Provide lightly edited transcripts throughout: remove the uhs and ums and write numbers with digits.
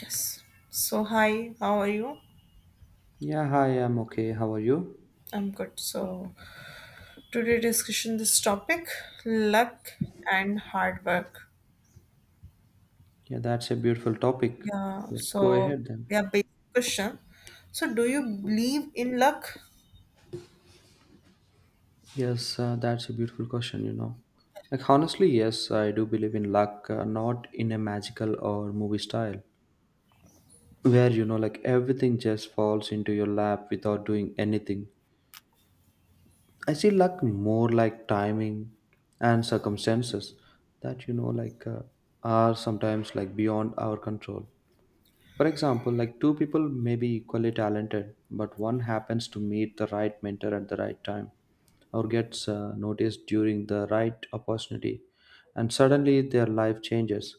Yes. So hi, how are you? Yeah, hi, I'm okay. How are you? I'm good. So today discussion this topic luck and hard work. Yeah, that's a beautiful topic. Yeah. Let's go So ahead then. yeah, basic question. So do you believe in luck? Yes, that's a beautiful question, you know. Like, honestly, yes, I do believe in luck, not in a magical or movie style, where, you know, like everything just falls into your lap without doing anything. I see luck more like timing and circumstances that, you know, are sometimes like beyond our control. For example, like two people may be equally talented, but one happens to meet the right mentor at the right time or gets noticed during the right opportunity, and suddenly their life changes.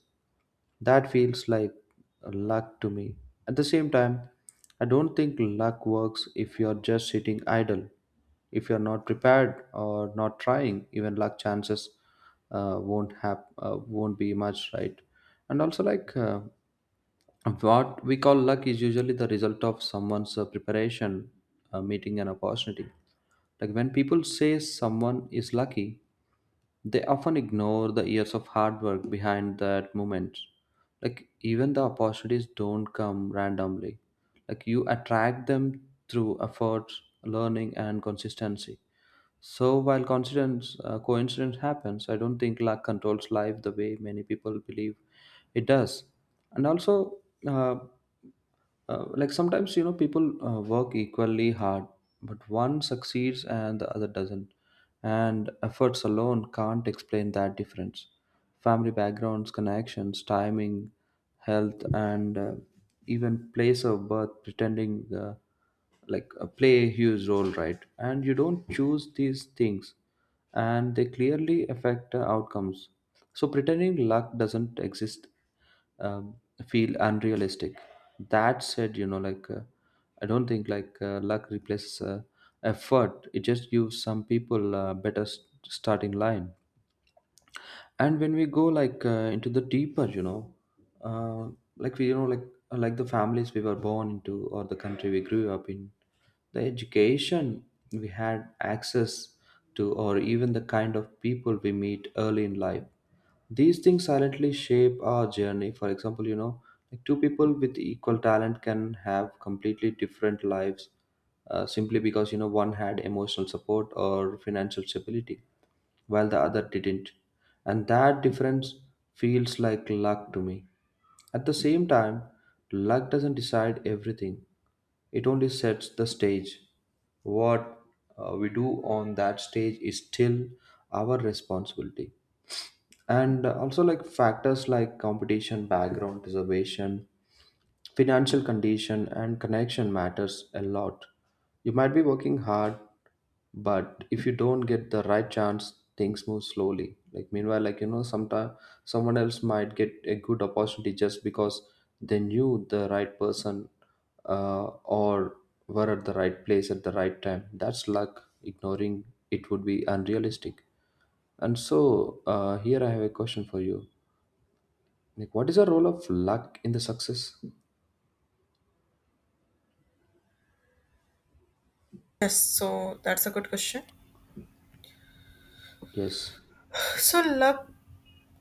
That feels like luck to me. At the same time, I don't think luck works if you're just sitting idle. If you're not prepared or not trying, even luck chances won't be much, right? And also, what we call luck is usually the result of someone's preparation, meeting an opportunity. Like when people say someone is lucky, they often ignore the years of hard work behind that moment. Like even the opportunities don't come randomly. Like you attract them through effort, learning, and consistency. So while coincidence happens, I don't think luck controls life the way many people believe it does. And also. Uh, like sometimes, you know, people work equally hard, but one succeeds and the other doesn't, and efforts alone can't explain that difference. Family backgrounds, connections, timing, health, and even place of birth pretending, play a huge role, right? And you don't choose these things, and they clearly affect outcomes. So pretending luck doesn't exist, um, feel unrealistic. That said, you know, I don't think luck replaces effort. It just gives some people a better s starting line. And when we go into the deeper, you know, uh, like we you know like the families we were born into, or the country we grew up in, the education we had access to, or even the kind of people we meet early in life, these things silently shape our journey. For example, you know, like two people with equal talent can have completely different lives, simply because, you know, one had emotional support or financial stability, while the other didn't. And that difference feels like luck to me. At the same time, luck doesn't decide everything, it only sets the stage. What we do on that stage is still our responsibility. And also, like factors like competition, background, reservation, financial condition, and connection matters a lot. You might be working hard, but if you don't get the right chance, things move slowly. Like meanwhile, like you know, sometime someone else might get a good opportunity just because they knew the right person, or were at the right place at the right time. That's luck. Ignoring it would be unrealistic. And so, here I have a question for you. Like, what is the role of luck in the success? Yes. So that's a good question. Yes. So luck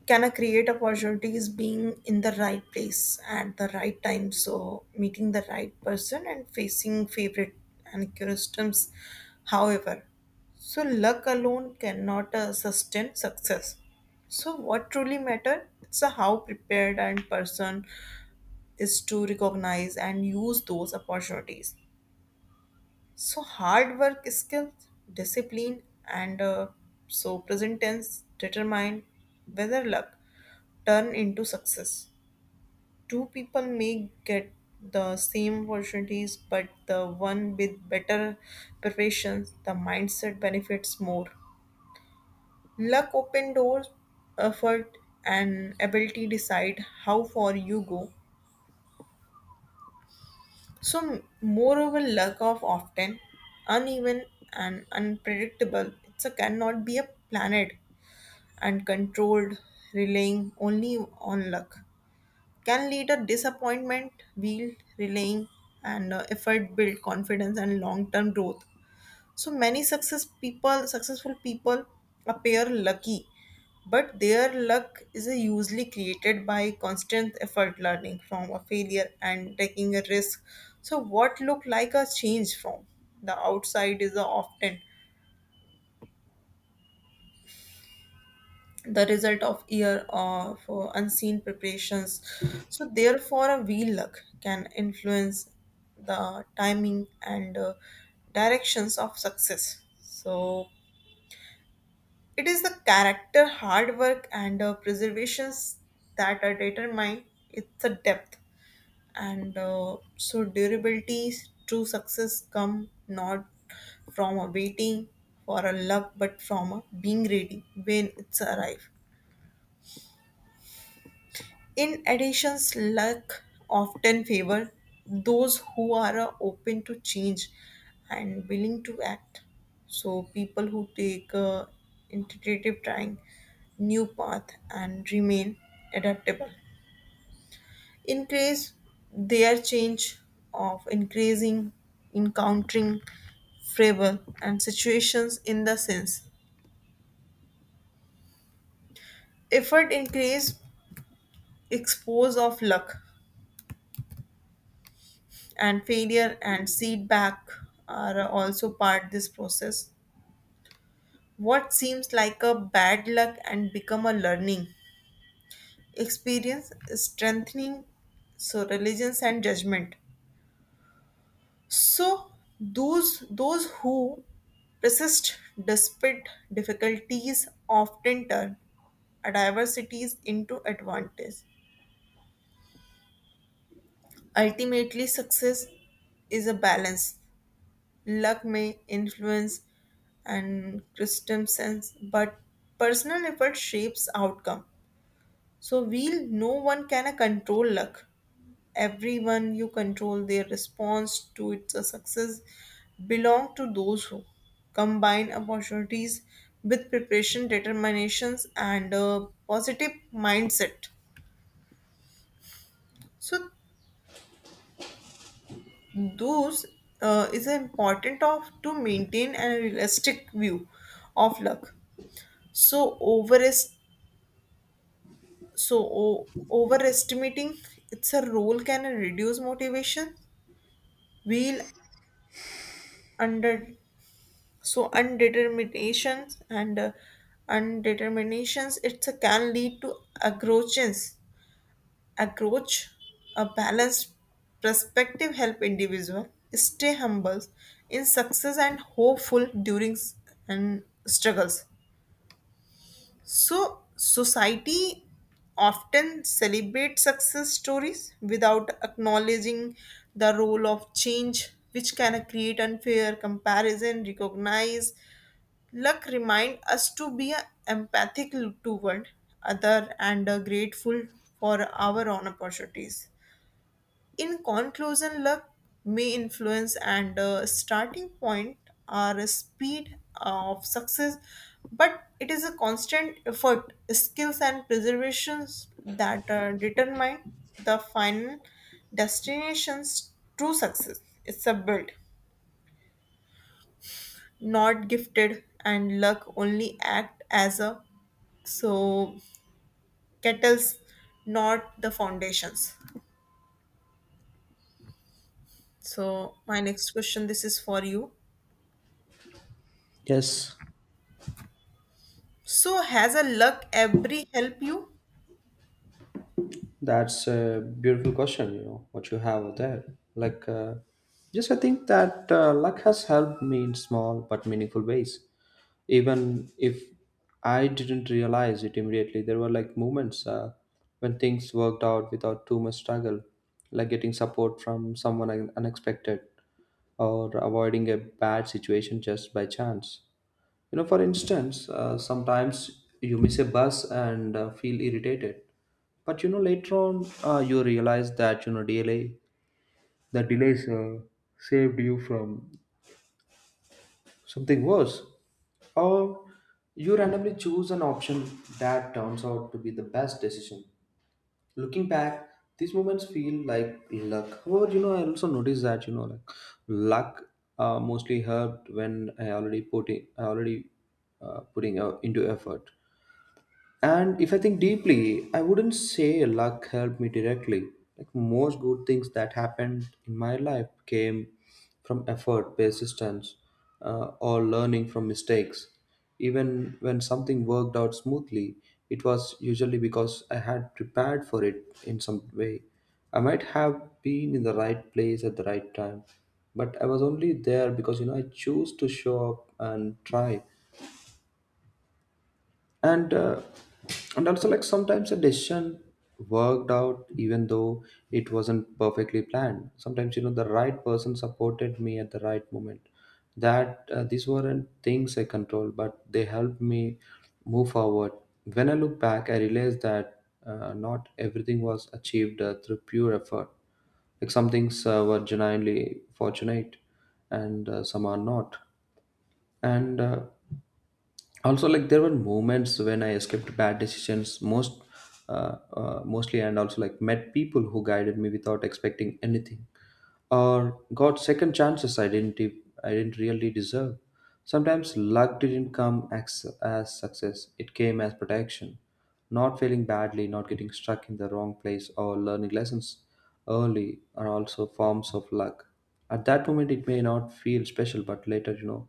can I create opportunities being in the right place at the right time? So meeting the right person and facing favorite and customs. However, so luck alone cannot sustain success. So what truly matters is how prepared and person is to recognize and use those opportunities. So hard work, skill, discipline, and so present tense determine whether luck turn into success. Two people may get the same opportunities, but the one with better preparation, the mindset benefits more. Luck open doors, effort, and ability decide how far you go. So, moreover, lack of often uneven and unpredictable. It a cannot be a planet and controlled, relying only on luck. Can lead a disappointment, wheel relying and effort build confidence and long term growth. So many successful people appear lucky, but their luck is usually created by constant effort, learning from a failure and taking a risk. So what look like a change from the outside is often the result of year of unseen preparations. So therefore, a wheel luck can influence the timing and directions of success. So it is the character, hard work, and preservations that determine its depth. And So, durability, true success come not from a waiting for a love, but from a being ready when it's arrive. In addition, luck often favor those who are open to change and willing to act. So people who take intuitive trying new path and remain adaptable increase their change of increasing encountering favor and situations in the sense effort increase expose of luck and failure and feedback are also part this process, what seems like a bad luck and become a learning experience strengthening so religions and judgment. So those who persist despite difficulties often turn adversities into advantage. Ultimately success is a balance. Luck may influence, and custom sense, but personal effort shapes outcome. So we'll no one can control luck. Everyone you control their response to its success belong to those who combine opportunities with preparation, determinations, and a positive mindset. So those is important of to maintain a realistic view of luck. So overestimating its a role can reduce motivation, we will under so undeterminations and undeterminations it's a, can lead to aggressions approach a balanced perspective help individual stay humble in success and hopeful during and struggles. So, society often celebrates success stories without acknowledging the role of change, which can create unfair comparison, recognize. Luck remind us to be empathic toward other and grateful for our own opportunities. In conclusion, luck may influence, and starting point are a speed of success, but it is a constant effort, skills, and preservations that determine the final destination's true success. It's a build, not gifted, and luck only act as a so kettles, not the foundations. So my next question, this is for you. Yes. So has a luck every help you? That's a beautiful question, you know, what you have there. Like, uh, just I think that luck has helped me in small but meaningful ways. Even if I didn't realize it immediately, there were like moments when things worked out without too much struggle, like getting support from someone unexpected, or avoiding a bad situation just by chance. You know, for instance, sometimes you miss a bus and feel irritated, but you know later on you realize that you know delay the delays saved you from something worse, or you randomly choose an option that turns out to be the best decision. Looking back, these moments feel like luck. However, you know, I also noticed that you know like luck mostly helped when I already putting out into effort. And if I think deeply, I wouldn't say luck helped me directly. Like most good things that happened in my life came from effort, persistence, or learning from mistakes. Even when something worked out smoothly, it was usually because I had prepared for it in some way. I might have been in the right place at the right time, but I was only there because you know I chose to show up and try. and uh, and also, like sometimes a decision worked out even though it wasn't perfectly planned. Sometimes, you know, the right person supported me at the right moment. That These weren't things I controlled, but they helped me move forward. When I look back, I realized that not everything was achieved through pure effort. Like some things were genuinely fortunate, and some are not. And Also, like there were moments when I escaped bad decisions, mostly, and also like met people who guided me without expecting anything, or got second chances I didn't really deserve. Sometimes luck didn't come as success, it came as protection. Not failing badly, not getting stuck in the wrong place, or learning lessons early are also forms of luck. At that moment it may not feel special, but later, you know,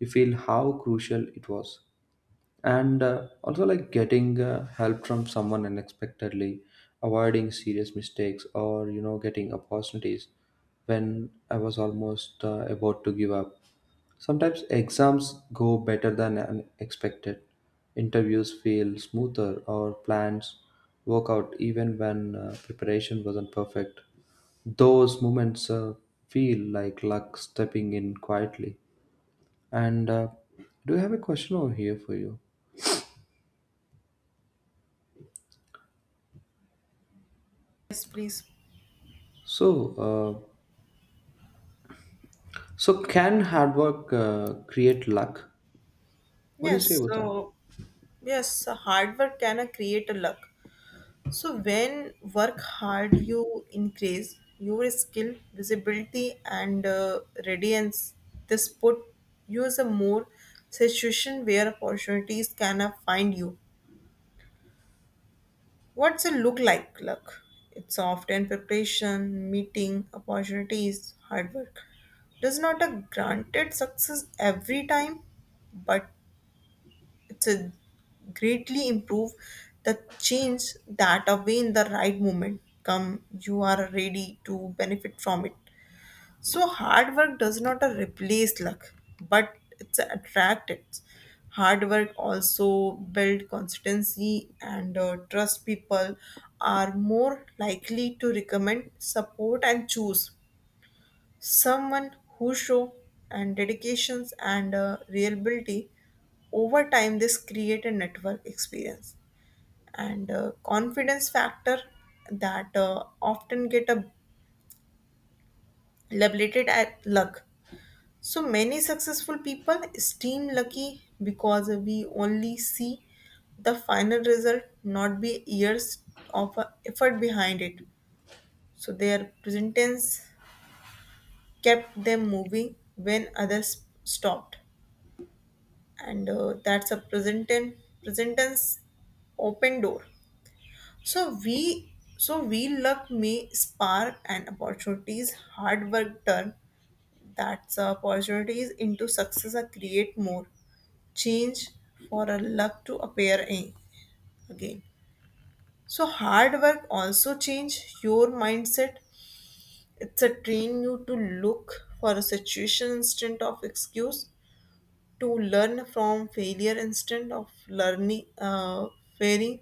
you feel how crucial it was. And Also, like getting help from someone unexpectedly, avoiding serious mistakes, or you know getting opportunities when I was almost about to give up. Sometimes exams go better than expected, interviews feel smoother, or plans work out even when preparation wasn't perfect. Those moments feel like luck stepping in quietly. And Do you have a question over here for you? Yes, please. So, so can hard work create luck? What do you say Yes, about that? so yes, so hard work can create a luck. So when work hard, you increase your skill, visibility, and radiance. This put you as a more situation where opportunities can find you. What's it look like? Look, it's often preparation, meeting, opportunities, hard work. Does not a granted success every time, but it's a greatly improve the change that away in the right moment come you are ready to benefit from it. So hard work does not replace luck, but it's attract it. Hard work also build consistency and trust. People are more likely to recommend, support, and choose someone who show and dedications and reliability. Over time, this create a network experience and confidence factor that often get labeled at luck. So many successful people seem lucky because we only see the final result, not be years of effort behind it. So their presence kept them moving when others stopped, and that's a presentance open door. So we luck may spark and opportunities hard work turn that's the opportunities into success are create more change for a luck to appear again. So hard work also change your mindset, it's a train you to look for a situation instead of excuse to learn from failure instead of learning failing.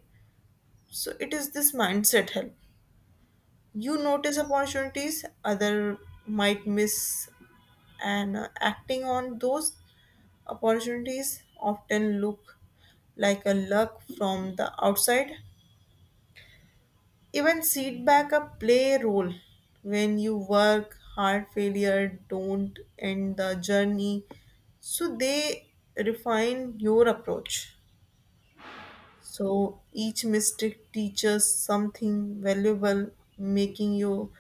So it is this mindset help you notice opportunities other might miss and acting on those. Opportunities often look like a luck from the outside. Even setback a play a role when you work hard. Failure don't end the journey, so they refine your approach. So each mistake teaches something valuable, making you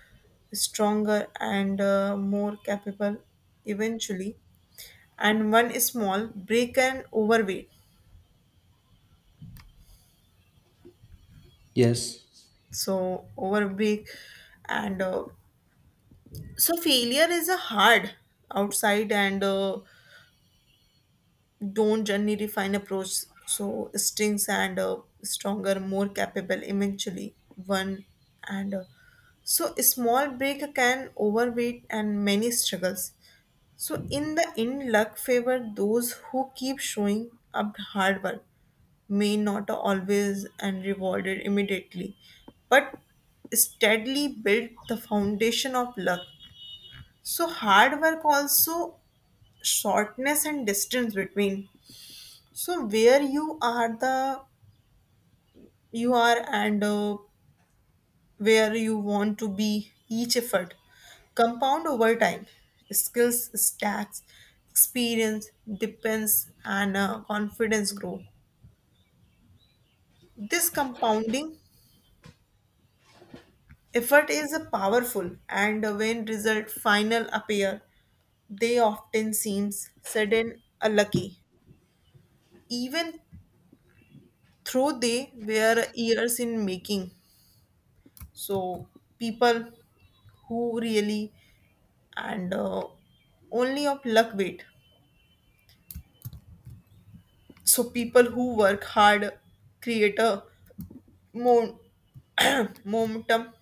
stronger and more capable eventually. And one small break can overweight Yes, so overbig and so failure is a hard outside and don't journey refine approach so strings and stronger more capable eventually one and so a small break can overweight and many struggles. So in the end luck favor those who keep showing up hard work may not always and rewarded immediately, but steadily build the foundation of luck. So hard work also shortness and distance between. So where you are the you are and where you want to be each effort compound over time skills stacks experience depends and confidence grow this compounding. Effort is a powerful, and when result final appear, they often seems sudden, unlucky, even though they were years in making. So people who really and only of luck wait. So people who work hard create a mo- momentum,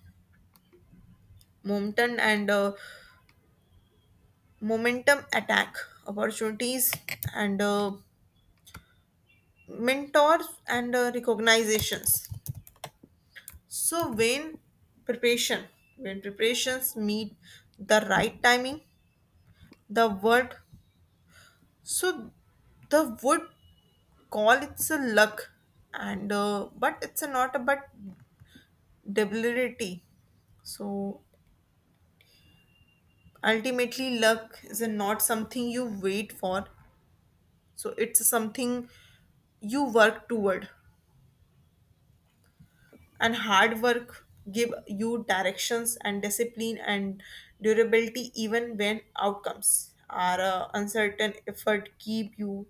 momentum and momentum attack opportunities and. Mentors and recognitions so preparation when preparations meet the right timing the word so the word call it's a luck and but it's a not about debility. So ultimately luck is a not something you wait for, so it's something you work toward, and hard work give you directions and discipline and durability even when outcomes are uncertain effort keep you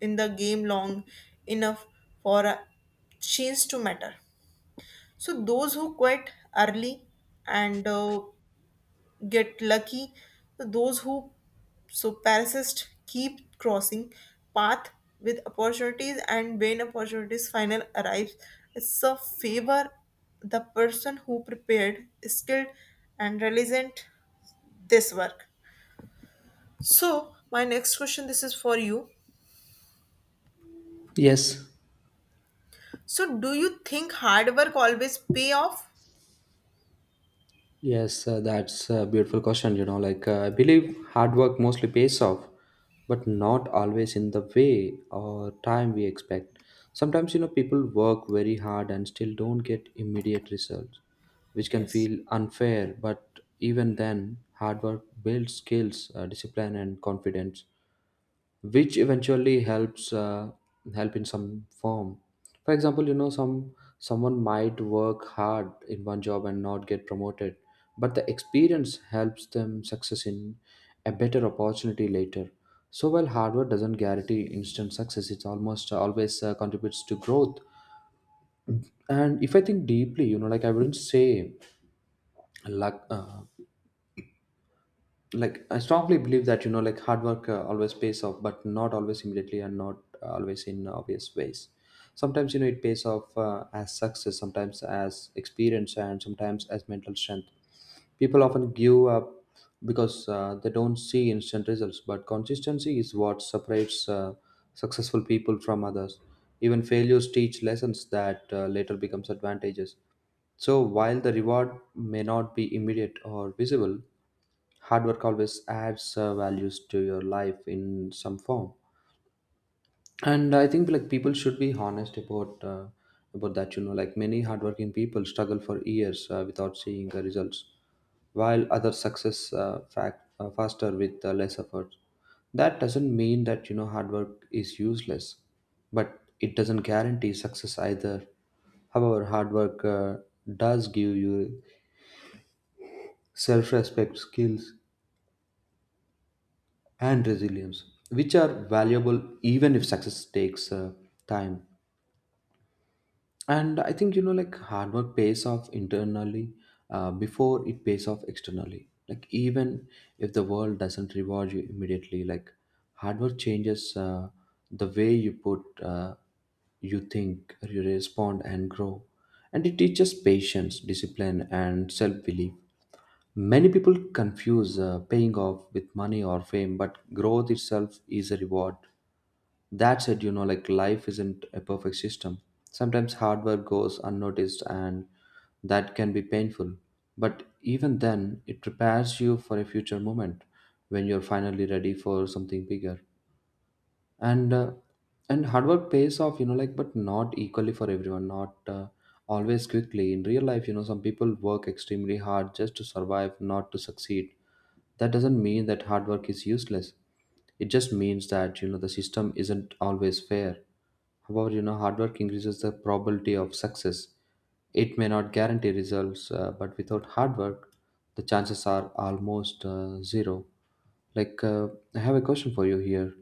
in the game long enough for a change to matter. So those who quit early and get lucky. Those who so persist keep crossing path with opportunities and when opportunities final arrives, it's a favor the person who prepared, skilled and resilient this work. So my next question this is for you. yes, So do you think hard work always pay off? yes. That's a beautiful question. You know, I believe Yes. hard work mostly pays off, but not always in the way or time we expect. Sometimes, you know, people work very hard and still don't get immediate results, which can Yes. feel unfair. But even then, hard work builds skills, discipline, and confidence, which eventually helps help in some form. For example, you know, someone might work hard in one job and not get promoted, but the experience helps them success in a better opportunity later. So while hard work doesn't guarantee instant success, it almost always contributes to growth. And if I think deeply, you know, like I wouldn't say luck, like I strongly believe that you know like hard work always pays off, but not always immediately and not always in obvious ways. Sometimes, you know, it pays off as success, sometimes as experience, and sometimes as mental strength. People often give up because they don't see instant results, but consistency is what separates successful people from others. Even failures teach lessons that later becomes advantages. So while the reward may not be immediate or visible, hard work always adds values to your life in some form. And I think, like, people should be honest about that, you know, like many hardworking people struggle for years without seeing the results, while others success faster with less effort. That doesn't mean that you know hard work is useless, but it doesn't guarantee success either. However, hard work does give you self-respect, skills, and resilience, which are valuable even if success takes time. And I think, you know, like hard work pays off internally before it pays off externally. Like even if the world doesn't reward you immediately, like hard work changes the way you you think, you respond, and grow. And it teaches patience, discipline, and self belief. Many people confuse paying off with money or fame, but growth itself is a reward. That said, you know, like life isn't a perfect system. Sometimes hard work goes unnoticed, and that can be painful. But even then, it prepares you for a future moment when you're finally ready for something bigger. And uh, and hard work pays off, you know, like but not equally for everyone, not always quickly. In real life, you know, some people work extremely hard just to survive, not to succeed. That doesn't mean that hard work is useless. It just means that you know the system isn't always fair. However, you know, hard work increases the probability of success. It may not guarantee results, but without hard work, the chances are almost zero. Like, I have a question for you here.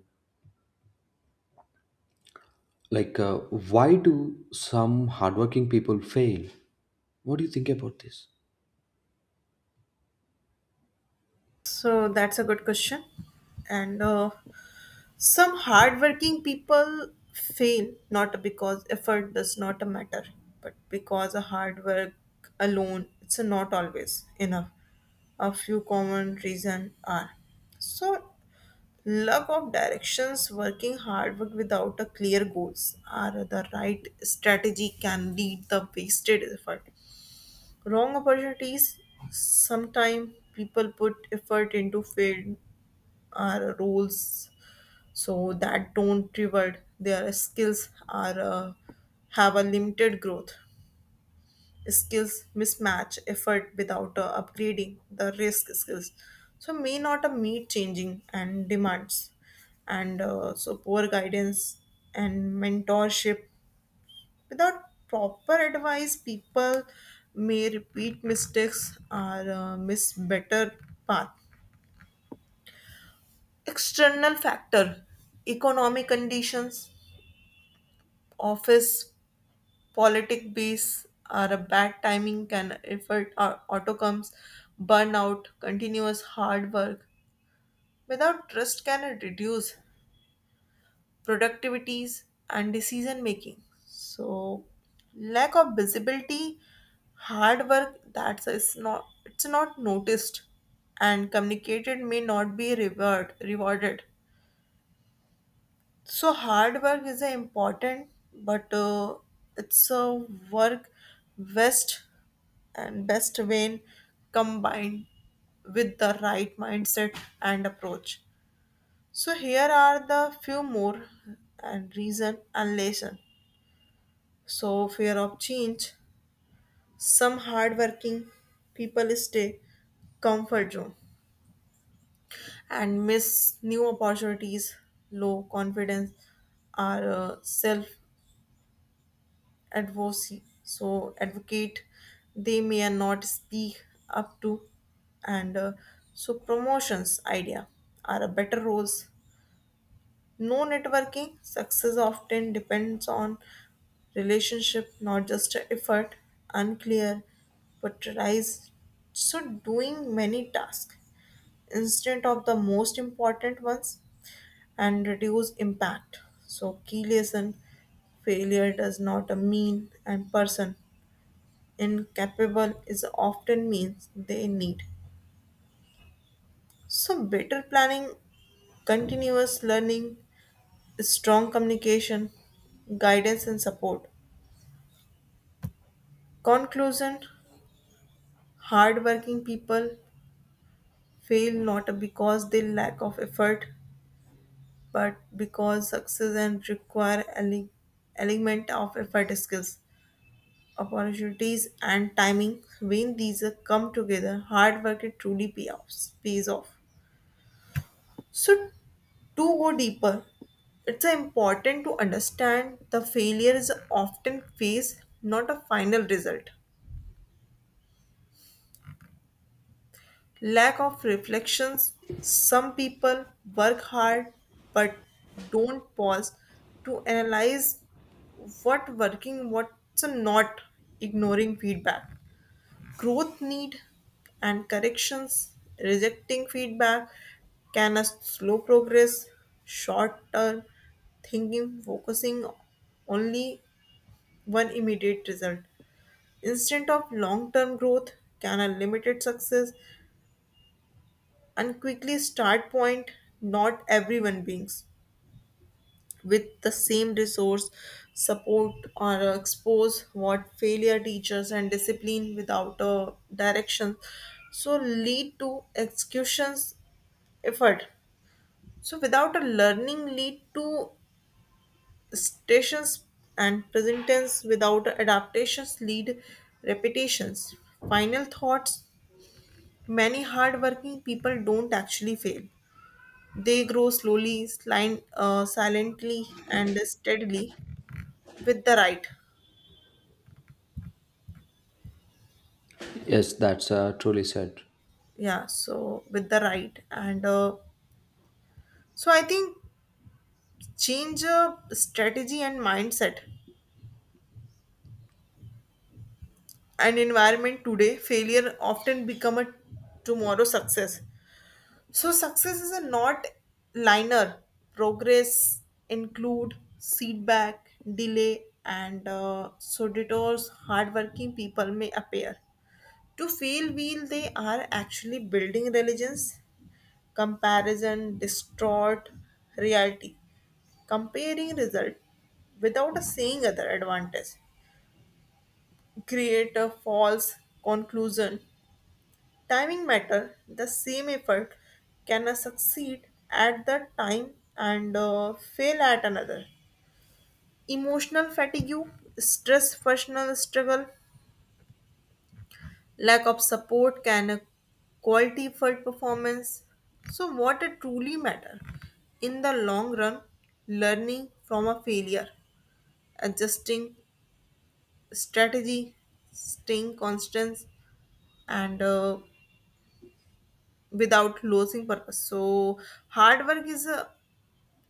Like, why do some hardworking people fail? What do you think about this? So that's a good question. And Some hardworking people fail not because effort does not matter, but because a hard work alone it's not always enough. A few common reasons are so lack of directions, working hard work without a clear goals or the right strategy can lead the wasted effort wrong opportunities. Sometimes people put effort into field or roles so that don't reward their skills or have a limited growth skills mismatch effort without upgrading the risk skills so may not meet changing and demands and so poor guidance and mentorship. Without proper advice, people may repeat mistakes or miss better path. External factor, economic conditions, office, politic base, or a bad timing can affect our outcomes, burnout, continuous hard work. Without trust can reduce productivities and decision making. So lack of visibility hard work that's is not it's not noticed and communicated may not be rewarded. So hard work is a important but it's a work best best when combined with the right mindset and approach. So here are the few more and reason and lesson. So fear of change. Some hardworking people stay comfort zone and miss new opportunities. Low confidence are self advocacy. So advocate they may not speak up to and so promotions idea are a better roles. No networking success often depends on relationship, not just a effort, unclear, prioritized. So doing many tasks instead of the most important ones and reduce impact. So key lesson, failure does not mean and person incapable is often means they need. So better planning, continuous learning, strong communication, guidance and support. Conclusion. Hardworking people fail not because they lack of effort but because success and require element of effort skills opportunities and timing when these are come together hard work it truly pays off. So to go deeper, it's important to understand the failure is often phase not a final result. Lack of reflections. Some people work hard but don't pause to analyze what working, what's not, ignoring feedback. Growth need and corrections, rejecting feedback can a slow progress, short term thinking, focusing only one immediate result. Instead of long term growth can a limited success and quickly start point. Not everyone beings with the same resource support or expose what failure teachers and discipline without a direction, so lead to executions effort so without a learning lead to stations and present tense without adaptations lead repetitions. Final thoughts, many hardworking people don't actually fail. They grow slowly, silently, and steadily with the right. Yes, that's truly said. Yeah, so with the right. And So I think change strategy and mindset and environment today, failure often become a tomorrow success. So success is a not liner. Progress include feedback, delay, and so detours hardworking people may appear, to feel wheel they are actually building religions comparison distort reality comparing result without a seeing other advantage create a false conclusion. Timing matter, the same effort can succeed at the time and fail at another. Emotional fatigue, stress, personal struggle, lack of support can quality for performance. So what it truly matter in the long run, learning from a failure, adjusting strategy, staying constant, and without losing purpose. So hard work is a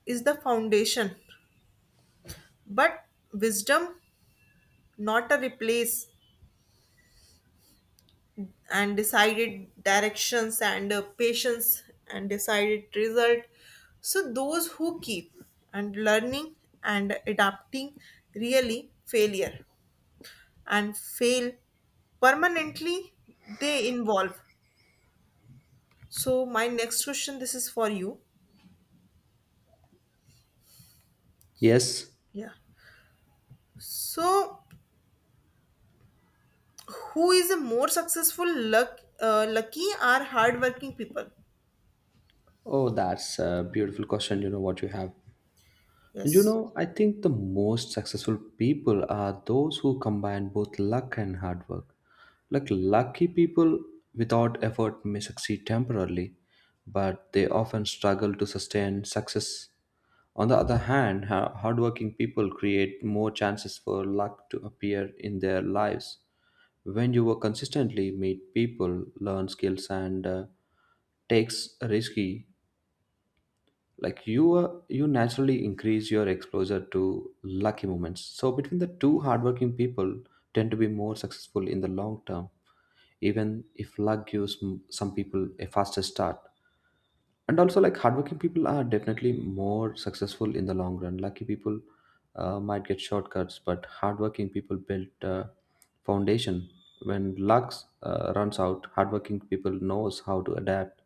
is the foundation, but wisdom not a replace and decided directions and patience and decided result. So those who keep and learning and adapting really failure and fail permanently they involve. So my next question this is for you. Yes. Yeah, so who is a more successful luck, lucky or hardworking people? Oh, that's a beautiful question. You know what you have. And you Yes, know, I think the most successful people are those who combine both luck and hard work. Like lucky people without effort may succeed temporarily, but they often struggle to sustain success. On the other hand, hardworking people create more chances for luck to appear in their lives. When you work consistently, meet people, learn skills, and takes risky, like you you naturally increase your exposure to lucky moments. So between the two, hardworking people tend to be more successful in the long term, even if luck gives some people a faster start. And also, like hardworking people are definitely more successful in the long run. Lucky people might get shortcuts, but hardworking people build foundation. When luck runs out, hardworking people knows how to adapt,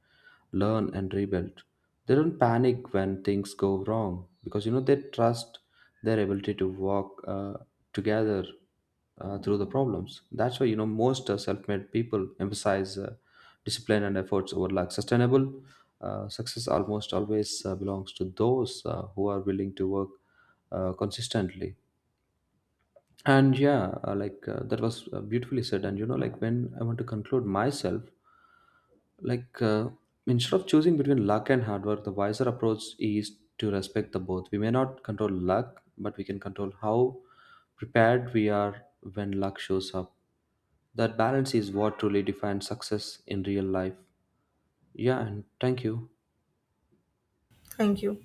learn, and rebuild. They don't panic when things go wrong, because you know they trust their ability to walk together through the problems. That's why, you know, most self-made people emphasize discipline and efforts over luck. Sustainable success almost always belongs to those who are willing to work consistently. And yeah, that was beautifully said. And you know, like when I want to conclude myself, like, instead of choosing between luck and hard work, the wiser approach is to respect the both. We may not control luck, but we can control how prepared we are when luck shows up. That balance is what truly defines success in real life. Yeah, and thank you. thank you.